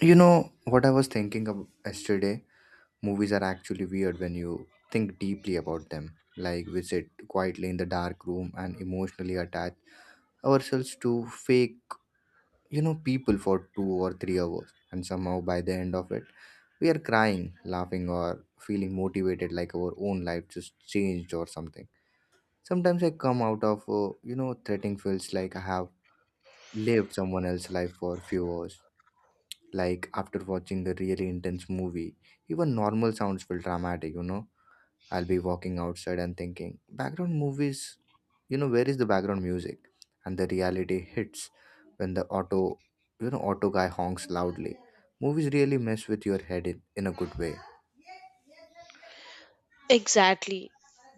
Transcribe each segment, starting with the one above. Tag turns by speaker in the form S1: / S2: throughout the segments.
S1: You know what I was thinking of yesterday? Movies are actually weird when you think deeply about them. Like we sit quietly in the dark room and emotionally attach ourselves to fake, people for 2 or 3 hours, and somehow by the end of it, we are crying, laughing, or feeling motivated, like our own life just changed or something. Sometimes I come out of, threatening feels like I have lived someone else's life for a few hours. Like after watching a really intense movie, even normal sounds feel dramatic. I'll be walking outside and thinking background movies. Where is the background music? And the reality hits when the auto you know auto guy honks loudly. Movies really mess with your head in a good way.
S2: Exactly.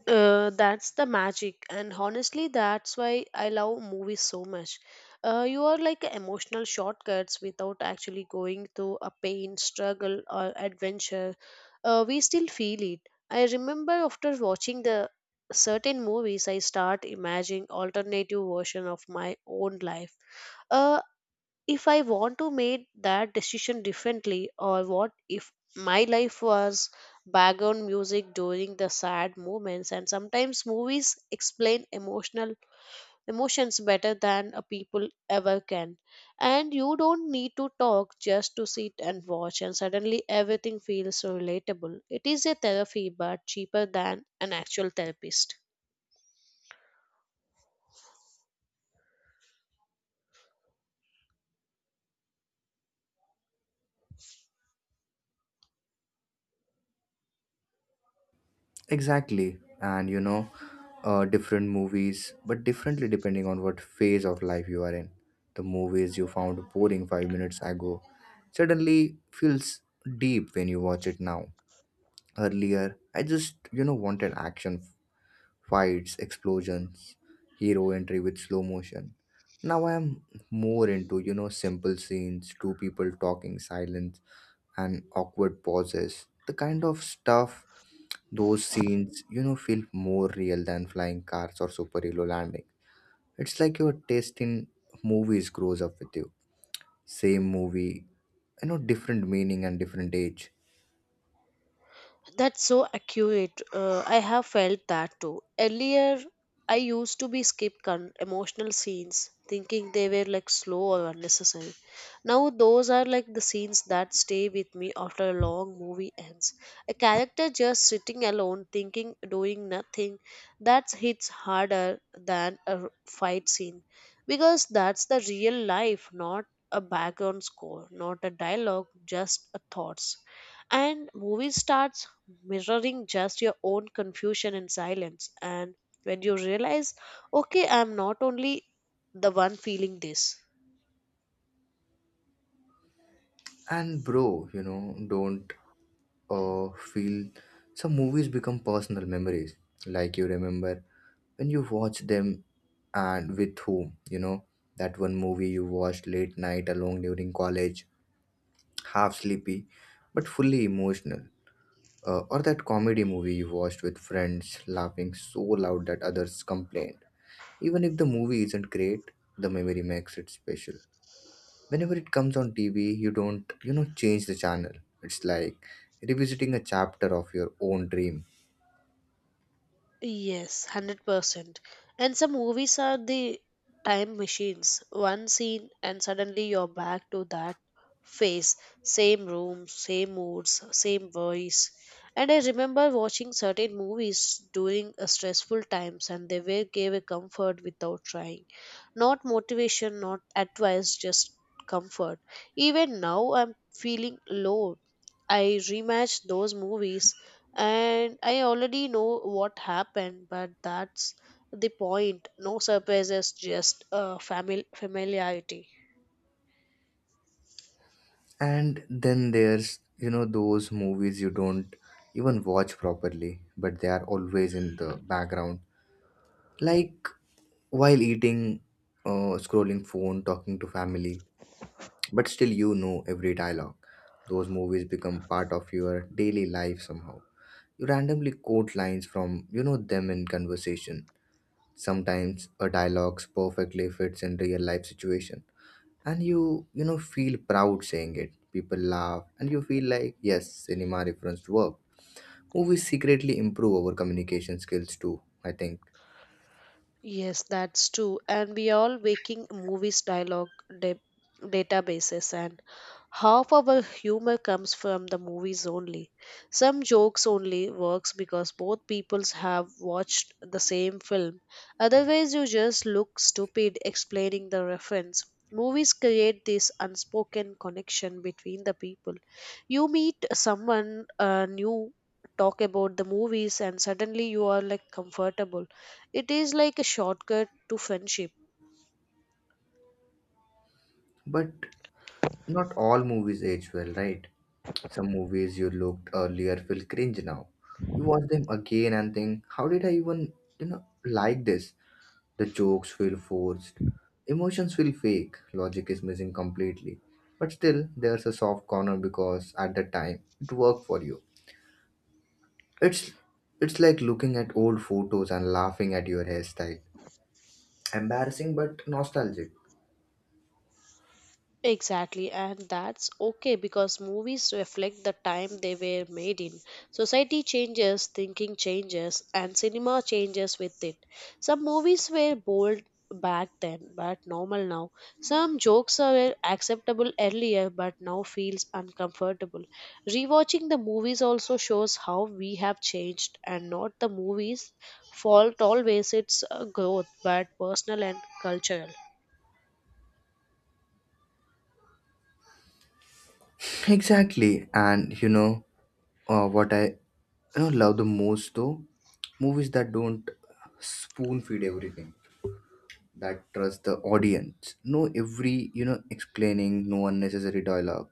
S2: That's the magic, and honestly, that's why I love movies so much. You are like emotional shortcuts without actually going through a pain, struggle, or adventure. We still feel it. I remember after watching the certain movies, I start imagining alternative version of my own life. Uh, if I want to make that decision differently, or what if my life was background music during the sad moments, and sometimes movies explain emotional emotions better than a people ever can. And you don't need to talk, just to sit and watch, and suddenly everything feels so relatable. It is a therapy but cheaper than an actual therapist.
S1: Exactly. And different movies, but differently depending on what phase of life you are in. The movies you found boring 5 minutes ago suddenly feels deep when you watch it now. Earlier, I just, wanted action, fights, explosions, hero entry with slow motion. Now I am more into, simple scenes, two people talking, silence, and awkward pauses. The kind of stuff those scenes, feel more real than flying cars or superhero landing. It's like your taste in movies grows up with you. Same movie, different meaning and different age.
S2: That's so accurate. I have felt that too. Earlier, I used to be skip emotional scenes, thinking they were like slow or unnecessary. Now, those are like the scenes that stay with me after a long movie ends. A character just sitting alone, thinking, doing nothing, that hits harder than a fight scene because that's the real life, not a background score, not a dialogue, just a thoughts. And movie starts mirroring just your own confusion and silence. And when you realize, okay, I'm not only the one feeling this.
S1: And bro, don't feel some movies become personal memories. Like you remember when you watch them and with whom, that one movie you watched late night alone during college, half sleepy, but fully emotional. Or that comedy movie you watched with friends laughing so loud that others complained. Even if the movie isn't great, the memory makes it special. Whenever it comes on TV, you don't, change the channel. It's like revisiting a chapter of your own dream.
S2: Yes, 100%. And some movies are the time machines. One scene, and suddenly you're back to that phase. Same room, same moods, same voice. And I remember watching certain movies during stressful times, and they were gave a comfort without trying. Not motivation, not advice, just comfort. Even now, I'm feeling low. I rematch those movies and I already know what happened, but that's the point. No surprises, just familiarity.
S1: And then there's, those movies you don't even watch properly, but they are always in the background. Like while eating, scrolling phone, talking to family, but still every dialogue. Those movies become part of your daily life somehow. You randomly quote lines from them in conversation. Sometimes a dialogue perfectly fits in real life situation and you know feel proud saying it. People laugh and you feel like yes, cinema referenced work. Movies secretly improve our communication skills too, I think.
S2: Yes, that's true. And we all waking movies dialogue da- databases, and half our humor comes from the movies only. Some jokes only works because both peoples have watched the same film. Otherwise you just look stupid explaining the reference. Movies create this unspoken connection between the people. You meet someone new, talk about the movies and suddenly you are like comfortable. It is like a shortcut to friendship.
S1: But not all movies age well, right? Some movies you looked earlier feel cringe now. You watch them again and think, how did I even, like this? The jokes feel forced. Emotions feel fake. Logic is missing completely. But still, there's a soft corner because at the time it worked for you. It's it's like looking at old photos and laughing at your hairstyle. Embarrassing but nostalgic.
S2: Exactly, and that's okay because movies reflect the time they were made in. Society changes, thinking changes, and cinema changes with it. Some movies were bold back then but normal now. Some jokes were acceptable earlier but now feels uncomfortable. Rewatching the movies also shows how we have changed and not the movies fault always. It's growth but personal and cultural.
S1: Exactly. And what I love the most, though, movies that don't spoon feed everything, that trust the audience. No, every explaining, no unnecessary dialogue,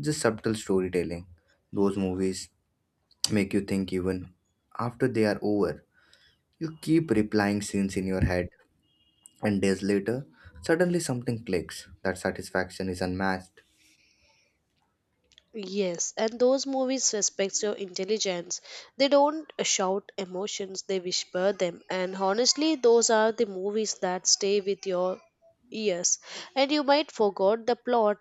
S1: just subtle storytelling. Those movies make you think even after they are over. You keep replying scenes in your head, and days later, suddenly something clicks. That satisfaction is unmatched.
S2: Yes, and those movies respects your intelligence. They don't shout emotions, they whisper them. And honestly, those are the movies that stay with your ears. And you might forgot the plot,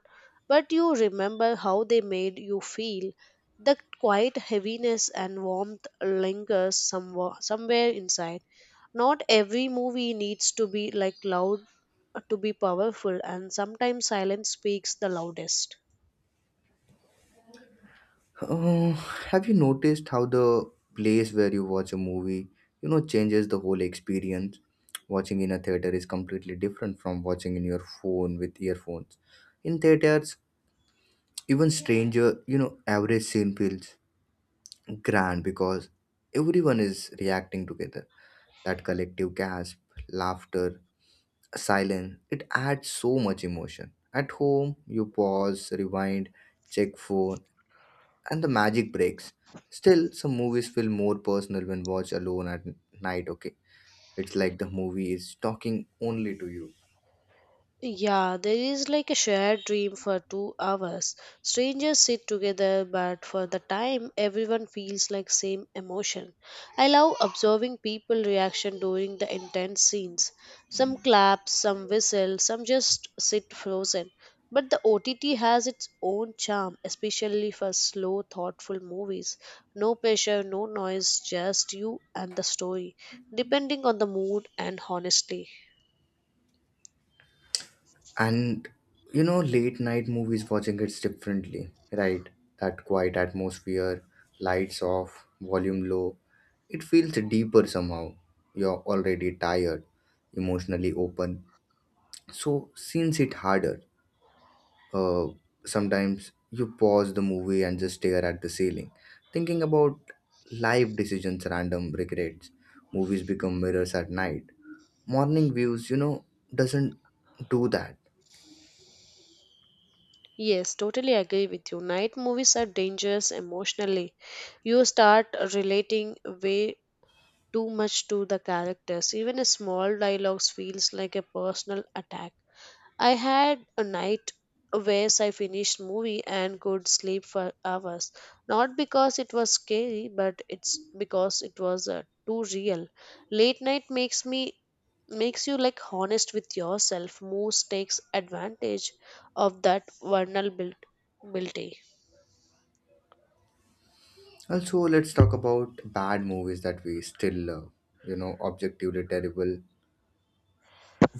S2: but you remember how they made you feel. The quiet heaviness and warmth lingers somewhere inside. Not every movie needs to be like loud to be powerful, and sometimes silence speaks the loudest.
S1: Uh, have you noticed how the place where you watch a movie, changes the whole experience? Watching in a theater is completely different from watching in your phone with earphones. In theaters, even stranger, average scene feels grand because everyone is reacting together. That collective gasp, laughter, silence, it adds so much emotion. At home, you pause, rewind, check phone, and the magic breaks. Still, some movies feel more personal when watched alone at night, okay? It's like the movie is talking only to you.
S2: Yeah, there is like a shared dream for 2 hours. Strangers sit together, but for the time, everyone feels like same emotion. I love observing people reaction during the intense scenes. Some clap, some whistle, some just sit frozen. But the OTT has its own charm, especially for slow, thoughtful movies. No pressure, no noise, just you and the story, depending on the mood and honestly.
S1: And late night movies watching it's differently, right? That quiet atmosphere, lights off, volume low. It feels deeper somehow. You're already tired, emotionally open. So scenes hit harder. Uh, Sometimes you pause the movie and just stare at the ceiling, thinking about life decisions, random regrets. Movies become mirrors at night. Morning views, doesn't do that.
S2: Yes, totally agree with you. Night movies are dangerous emotionally. You start relating way too much to the characters. Even a small dialogues feels like a personal attack. I had a night where I finished movie and could sleep for hours. Not because it was scary, but it's because it was too real. Late night makes you like honest with yourself. Moose takes advantage of that vulnerability.
S1: Also, let's talk about bad movies that we still love. You know, objectively terrible,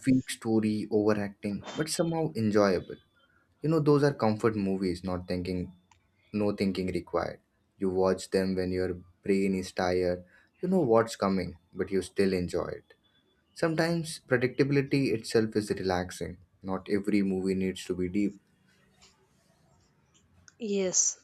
S1: weak story, overacting, but somehow enjoyable. You know, those are comfort movies, not thinking, no thinking required. You watch them when your brain is tired. You know what's coming, but you still enjoy it. Sometimes predictability itself is relaxing. Not every movie needs to be deep.
S2: Yes.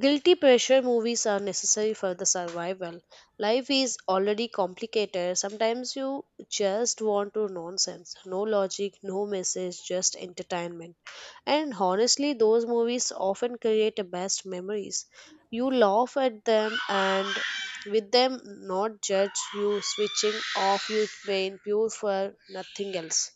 S2: Guilty pressure movies are necessary for the survival. Life is already complicated. Sometimes you just want to nonsense. No logic, no message, just entertainment. And honestly, those movies often create the best memories. You laugh at them and with them, not judge you switching off your brain pure for nothing else.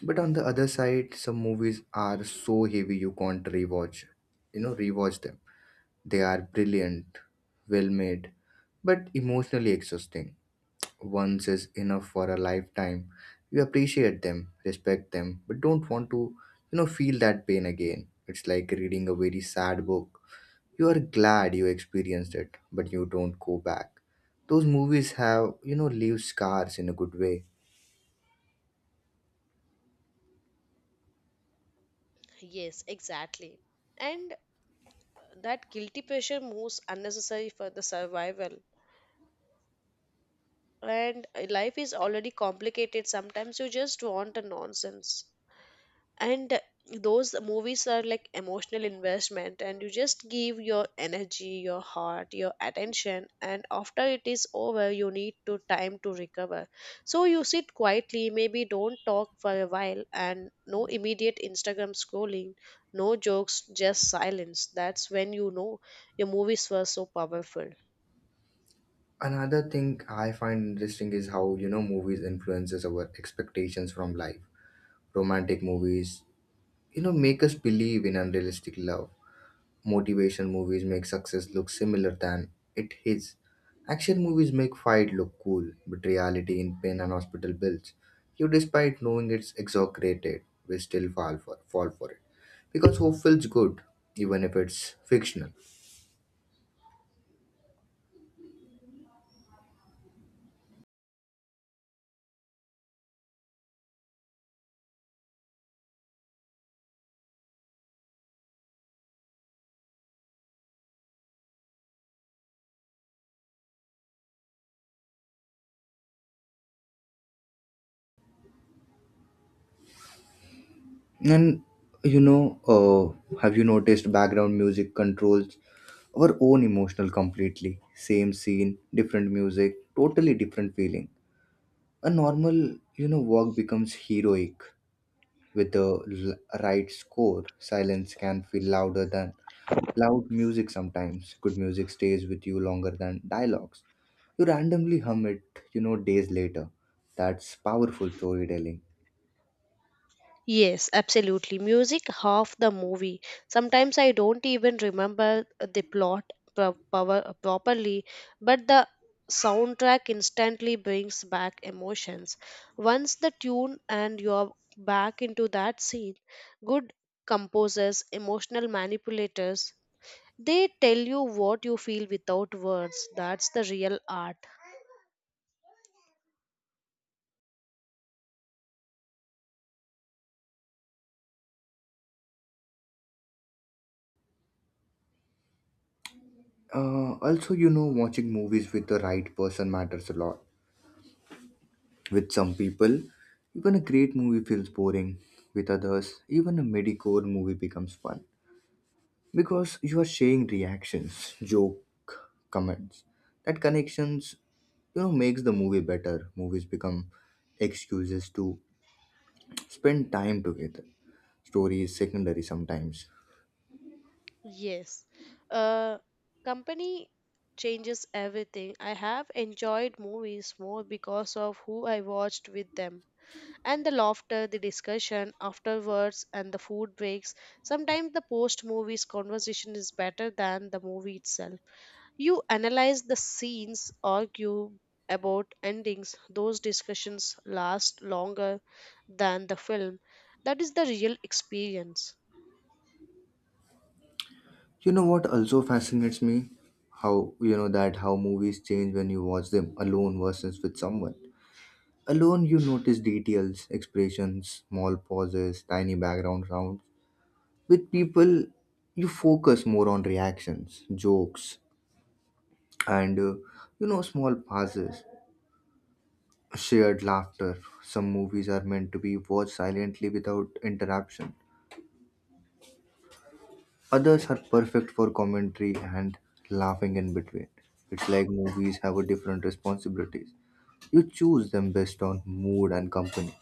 S1: But on the other side, some movies are so heavy you can't rewatch. Rewatch them. They are brilliant, well made, but emotionally exhausting. Once is enough for a lifetime. You appreciate them, respect them, but don't want to, feel that pain again. It's like reading a very sad book. You are glad you experienced it, but you don't go back. Those movies have, leave scars in a good way.
S2: Yes, exactly. And that guilty pressure moves unnecessary for the survival, and life is already complicated, sometimes you just want a nonsense, and those movies are like emotional investment, and you just give your energy, your heart, your attention, and after it is over you need to time to recover. So you sit quietly, maybe don't talk for a while, and no immediate Instagram scrolling, no jokes, just silence. That's when you know your movies were so powerful.
S1: Another thing I find interesting is how, movies influences our expectations from life. Romantic movies, make us believe in unrealistic love. Motivation movies make success look similar than it is. Action movies make fight look cool, but reality in pain and hospital bills. You, despite knowing it's exaggerated, we still fall for it because hope feels good, even if it's fictional. And have you noticed background music controls our own emotional completely? Same scene, different music, totally different feeling. A normal, walk becomes heroic. With the right score, silence can feel louder than loud music sometimes. Good music stays with you longer than dialogues. You randomly hum it, days later. That's powerful storytelling.
S2: Yes, absolutely. Music half the movie. Sometimes I don't even remember the plot properly, but the soundtrack instantly brings back emotions. Once the tune and you're back into that scene, good composers, emotional manipulators, they tell you what you feel without words. That's the real art.
S1: Also, watching movies with the right person matters a lot. With some people, even a great movie feels boring. With others, even a midi core movie becomes fun, because you are sharing reactions, joke comments. That connections makes the movie better. Movies become excuses to spend time together. Story is secondary sometimes.
S2: Yes. Uh, company changes everything. I have enjoyed movies more because of who I watched with them. And the laughter, the discussion afterwards, and the food breaks. Sometimes the post movies conversation is better than the movie itself. You analyze the scenes, argue about endings. Those discussions last longer than the film. That is the real experience.
S1: What also fascinates me, how you know that how movies change when you watch them alone versus with someone. Alone, you notice details, expressions, small pauses, tiny background sounds. With people, you focus more on reactions, jokes, and small pauses, shared laughter. Some movies are meant to be watched silently without interruption, others are perfect for commentary and laughing in between. It's like movies have a different responsibilities. You choose them based on mood and company.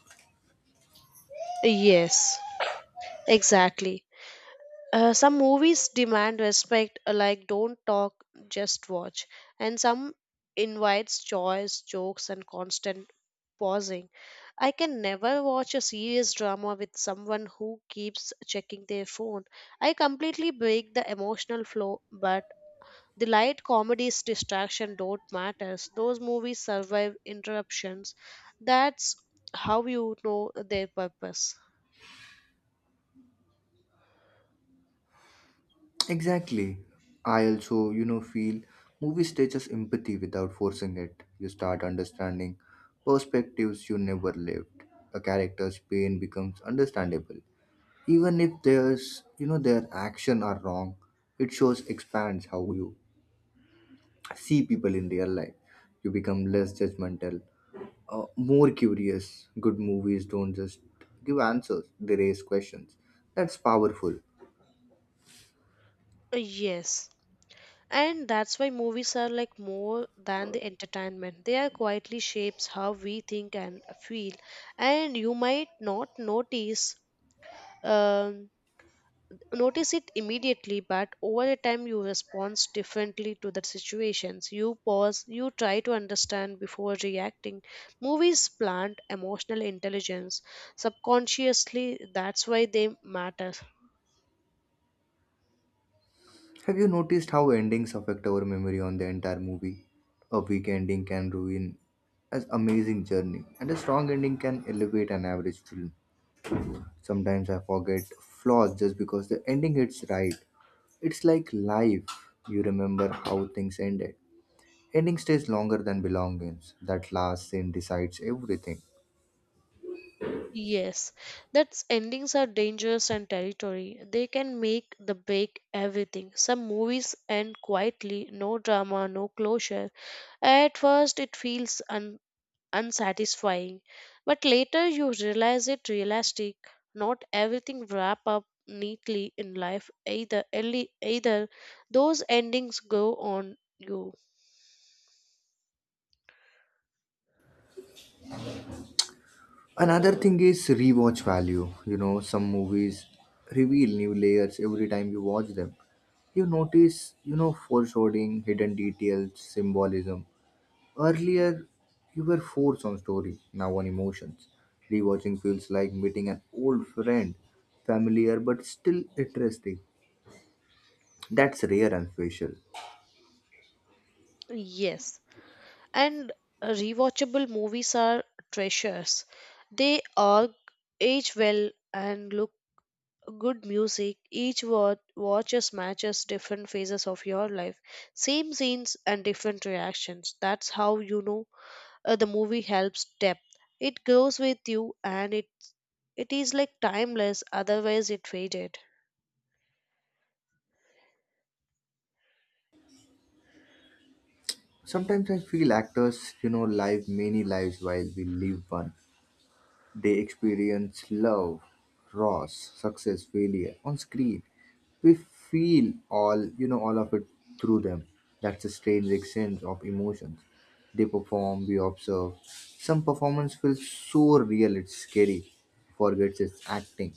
S2: Yes, exactly. Some movies demand respect, like don't talk, just watch, and some invites joys, jokes, and constant pausing. I can never watch a serious drama with someone who keeps checking their phone. I completely break the emotional flow, but the light comedies distraction don't matters. Those movies survive interruptions. That's how you know their purpose.
S1: Exactly. I also feel movies teach us empathy without forcing it. You start understanding perspectives you never lived. A character's pain becomes understandable, even if there's their action are wrong. It shows expands how you see people in real life. You become less judgmental, more curious. Good movies don't just give answers, they raise questions. That's powerful.
S2: Yes. And that's why movies are like more than the entertainment. They are quietly shapes how we think and feel. And you might not notice um, notice it immediately, but over a time you respond differently to the situations. You pause, you try to understand before reacting. Movies plant emotional intelligence subconsciously. That's why they matter.
S1: Have you noticed how endings affect our memory on the entire movie? A weak ending can ruin an amazing journey, and a strong ending can elevate an average film. Sometimes I forget flaws just because the ending hits right. It's like life. You remember how things ended. Ending stays longer than belongings. That last scene decides everything.
S2: Yes, that's endings are dangerous and territory. They can make the break everything. Some movies end quietly, no drama, no closure. At first, it feels unsatisfying, but later you realize it realistic. Not everything wrap up neatly in life either. Early, either those endings go on you.
S1: Another thing is rewatch value. Some movies reveal new layers every time you watch them. You notice, foreshadowing, hidden details, symbolism. Earlier, you were forced on story, now on emotions. Rewatching feels like meeting an old friend, familiar but still interesting. That's rare and special.
S2: Yes. And rewatchable movies are treasures. They all age well and look good music. Each watches matches different phases of your life, same scenes and different reactions. That's how you know the movie helps depth. It grows with you and it is like timeless. Otherwise, it faded.
S1: Sometimes I feel actors, live many lives while we live one. They experience love, loss, success, failure on screen. We feel all, all of it through them. That's a strange exchange of emotions. They perform, we observe. Some performance feels so real, it's scary. Forgets its acting.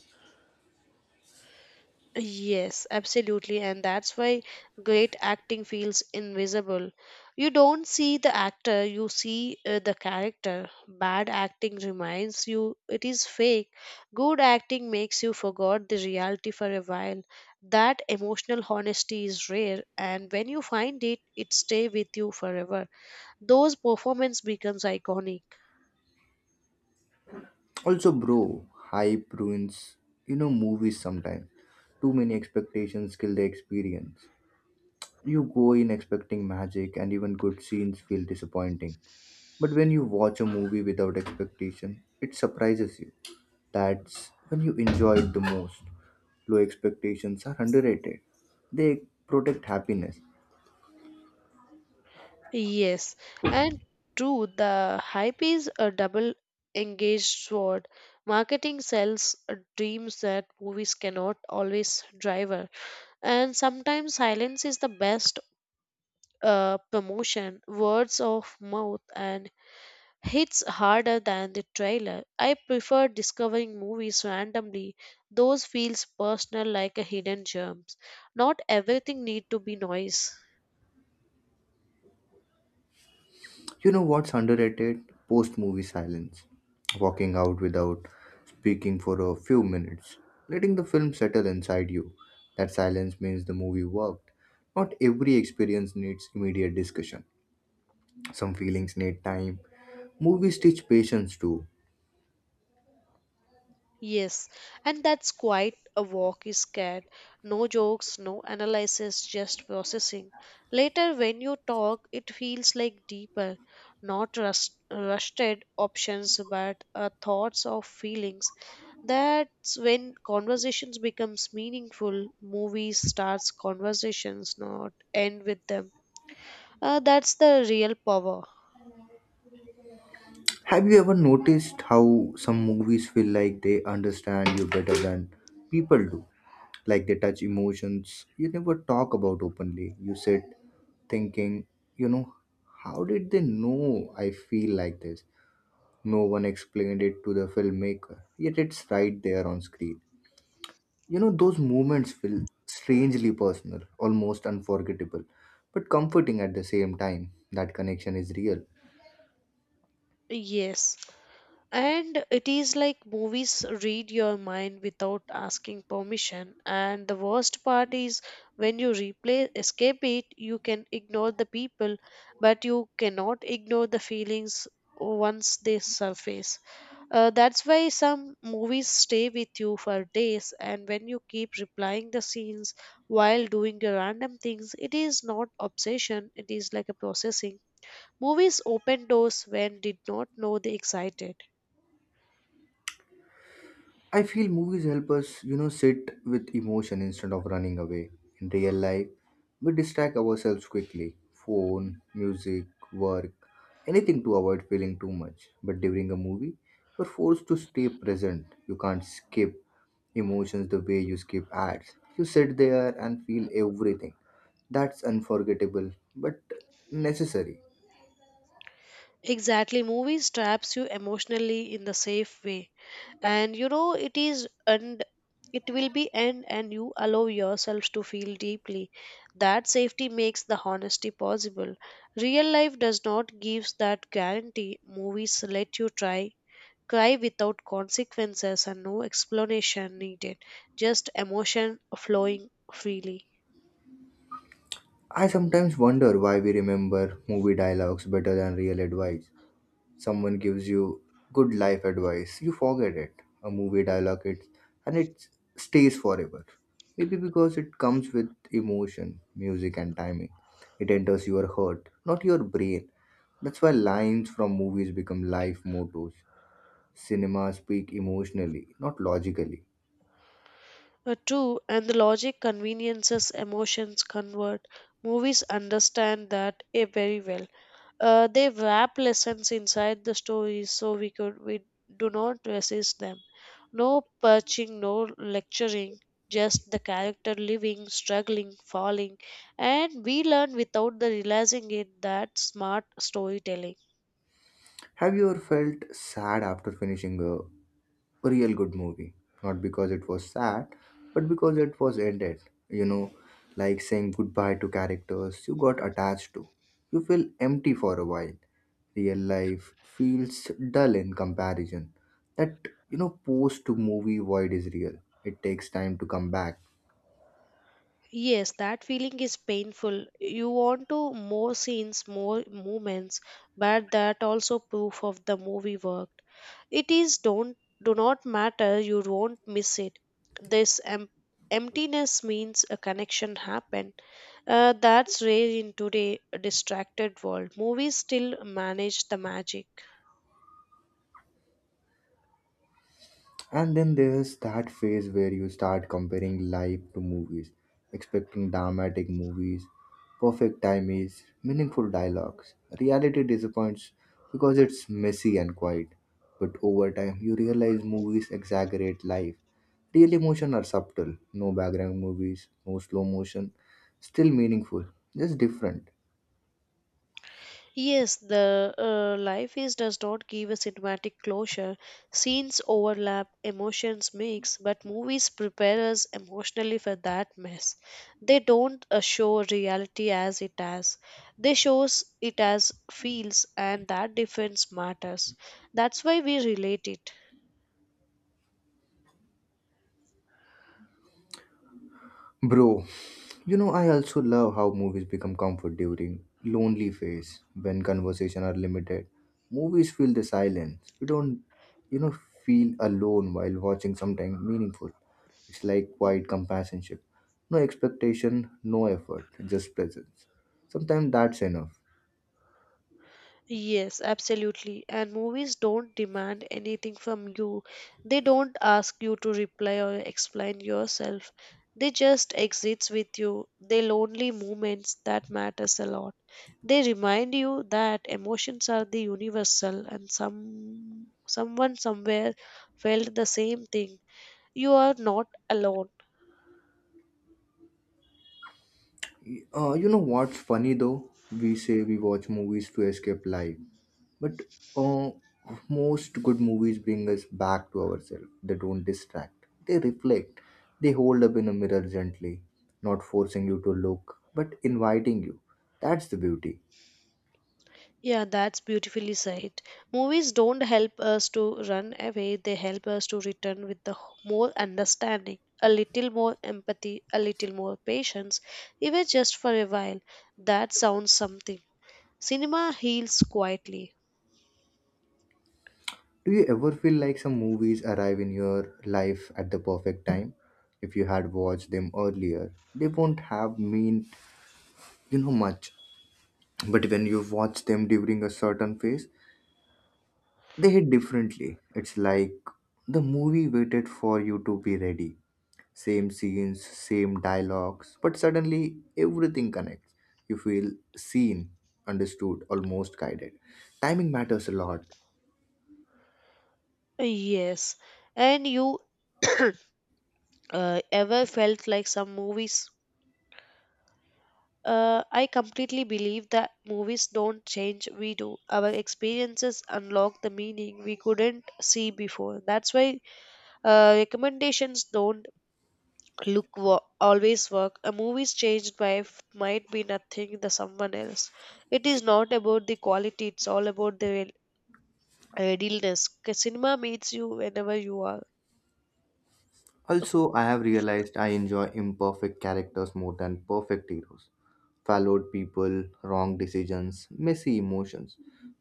S2: Yes, absolutely, and that's why great acting feels invisible. You don't see the actor, you see the character. Bad acting reminds you it is fake. Good acting makes you forget the reality for a while. That emotional honesty is rare, and when you find it, it stays with you forever. Those performance becomes iconic.
S1: Also, bro, hype ruins, movies sometimes. Too many expectations kill the experience. You go in expecting magic, and even good scenes feel disappointing. But when you watch a movie without expectation, it surprises you. That's when you enjoy it the most. Low expectations are underrated, they protect happiness.
S2: Yes, and true, the hype is a double engaged sword. Marketing sells dreams that movies cannot always deliver, and sometimes silence is the best promotion. Words of mouth and hits harder than the trailer. I prefer discovering movies randomly. Those feels personal like a hidden germs. Not everything need to be noise.
S1: You know what's underrated? Post movie silence. Walking out without speaking for a few minutes, letting the film settle inside you. That silence means the movie worked. Not every experience needs immediate discussion. Some feelings need time. Movies teach patience too.
S2: Yes, and that's quite a walk is scared. No jokes, no analysis, just processing. Later, when you talk, it feels like deeper, not rusted options, but thoughts or feelings. That's when conversations becomes meaningful. Movies starts conversations, not end with them. That's the real power.
S1: Have you ever noticed how some movies feel like they understand you better than people do? Like they touch emotions you never talk about openly. You sit thinking, you know, how did they know I feel like this? No one explained it to the filmmaker, yet it's right there on screen. Those moments feel strangely personal, almost unforgettable, but comforting at the same time. That connection is real.
S2: Yes. And it is like movies read your mind without asking permission. And the worst part is when you replay escape it, you can ignore the people, but you cannot ignore the feelings once they surface. That's why some movies stay with you for days. And when you keep replying the scenes while doing your random things, it is not obsession. It is like a processing. Movies open doors when did not know they excited.
S1: I feel movies help us, sit with emotion instead of running away. In real life, we distract ourselves quickly, phone, music, work, anything to avoid feeling too much. But during a movie, you're forced to stay present. You can't skip emotions the way you skip ads. You sit there and feel everything. That's unforgettable, but necessary.
S2: Exactly, movies traps you emotionally in the safe way, and you know it is and it will be end, and you allow yourselves to feel deeply. That safety makes the honesty possible. Real life does not gives that guarantee. Movies let you try, cry without consequences and no explanation needed, just emotion flowing freely.
S1: I sometimes wonder why we remember movie dialogues better than real advice. Someone gives you good life advice, you forget it. A movie dialogue, it and it stays forever. Maybe because it comes with emotion, music, and timing, it enters your heart, not your brain. That's why lines from movies become life mottos. Cinema speak emotionally, not logically.
S2: True, and the logic conveniences emotions convert. Movies understand that very well. They wrap lessons inside the stories so we do not resist them. No perching, no lecturing, just the character living, struggling, falling, and we learn without the realizing it that smart storytelling.
S1: Have you ever felt sad after finishing a real good movie? Not because it was sad, but because it was ended. You know, like saying goodbye to characters you got attached to. You feel empty for a while. Real life feels dull in comparison. That post to movie void is real. It takes time to come back.
S2: Yes, that feeling is painful. You want to more scenes, more moments, but that also proof of the movie worked. It is don't do not matter. You won't miss it. This emptiness means a connection happened. That's rare in today distracted world. Movies still manage the magic.
S1: And then there's that phase where you start comparing life to movies, expecting dramatic movies, perfect timies, meaningful dialogues. Reality disappoints because it's messy and quiet. But over time, you realize movies exaggerate life. Real emotion are subtle, no background movies, no slow motion, still meaningful, just different.
S2: Yes, the life is does not give a cinematic closure. Scenes overlap, emotions mix, but movies prepare us emotionally for that mess. They don't show reality as it as. They shows it as feels, and that difference matters. That's why we relate it.
S1: Bro, I also love how movies become comfort during lonely phase when conversation are limited. Movies fill the silence. You don't you know feel alone while watching something meaningful. It's like quiet companionship. No expectation, no effort, just presence. Sometimes that's enough.
S2: Yes, absolutely. And movies don't demand anything from you. They don't ask you to reply or explain yourself. They just exist with you. They lonely moments that matters a lot. They remind you that emotions are the universal and someone somewhere felt the same thing. You are not alone.
S1: You know what's funny though? We say we watch movies to escape life, but uh, most good movies bring us back to ourselves. They don't distract, they reflect. They hold up in a mirror gently, not forcing you to look, but inviting you. That's the beauty.
S2: Yeah, that's beautifully said. Movies don't help us to run away, they help us to return with the more understanding, a little more empathy, a little more patience, even just for a while. That sounds something. Cinema heals quietly.
S1: Do you ever feel like some movies arrive in your life at the perfect time? If you had watched them earlier, they won't have mean much. But when you watch them during a certain phase, they hit differently. It's like the movie waited for you to be ready. Same scenes, same dialogues, but suddenly everything connects. You feel seen, understood, almost guided. Timing matters a lot.
S2: Yes. And you ever felt like some movies? I completely believe that movies don't change, we do. Our experiences unlock the meaning we couldn't see before. That's why recommendations don't always work. A movie's changed by might be nothing the someone else. It is not about the quality. It's all about the readiness. 'Cause cinema meets you whenever you are.
S1: Also, I have realized I enjoy imperfect characters more than perfect heroes. Followed people, wrong decisions, messy emotions.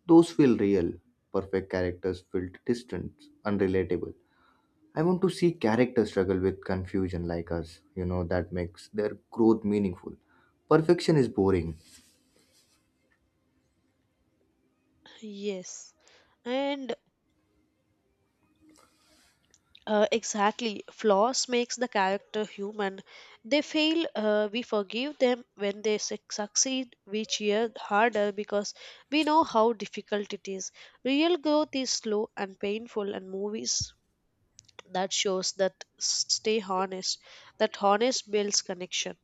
S1: Those feel real. Perfect characters feel distant, unrelatable. I want to see characters struggle with confusion like us. That makes their growth meaningful. Perfection is boring.
S2: Yes, and exactly flaws makes the character human. They fail, we forgive them. When they succeed, we cheer harder because we know how difficult it is. Real growth is slow and painful, and movies that shows that stay honest that honest builds connection.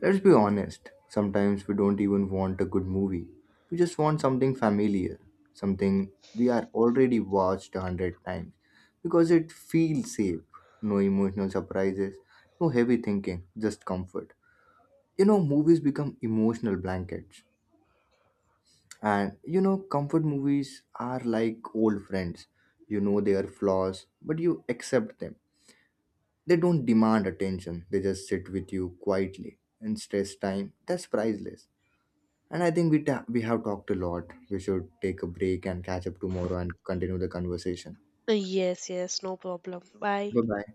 S1: Let's be honest, sometimes we don't even want a good movie. We just want something familiar, something we are already watched 100 times because it feels safe. No emotional surprises, no heavy thinking, just comfort. Movies become emotional blankets. And comfort movies are like old friends. You know their flaws, but you accept them. They don't demand attention, they just sit with you quietly. In stress time, that's priceless. And I think we we have talked a lot. We should take a break and catch up tomorrow and continue the conversation.
S2: Yes, yes, no problem, bye.
S1: Bye bye.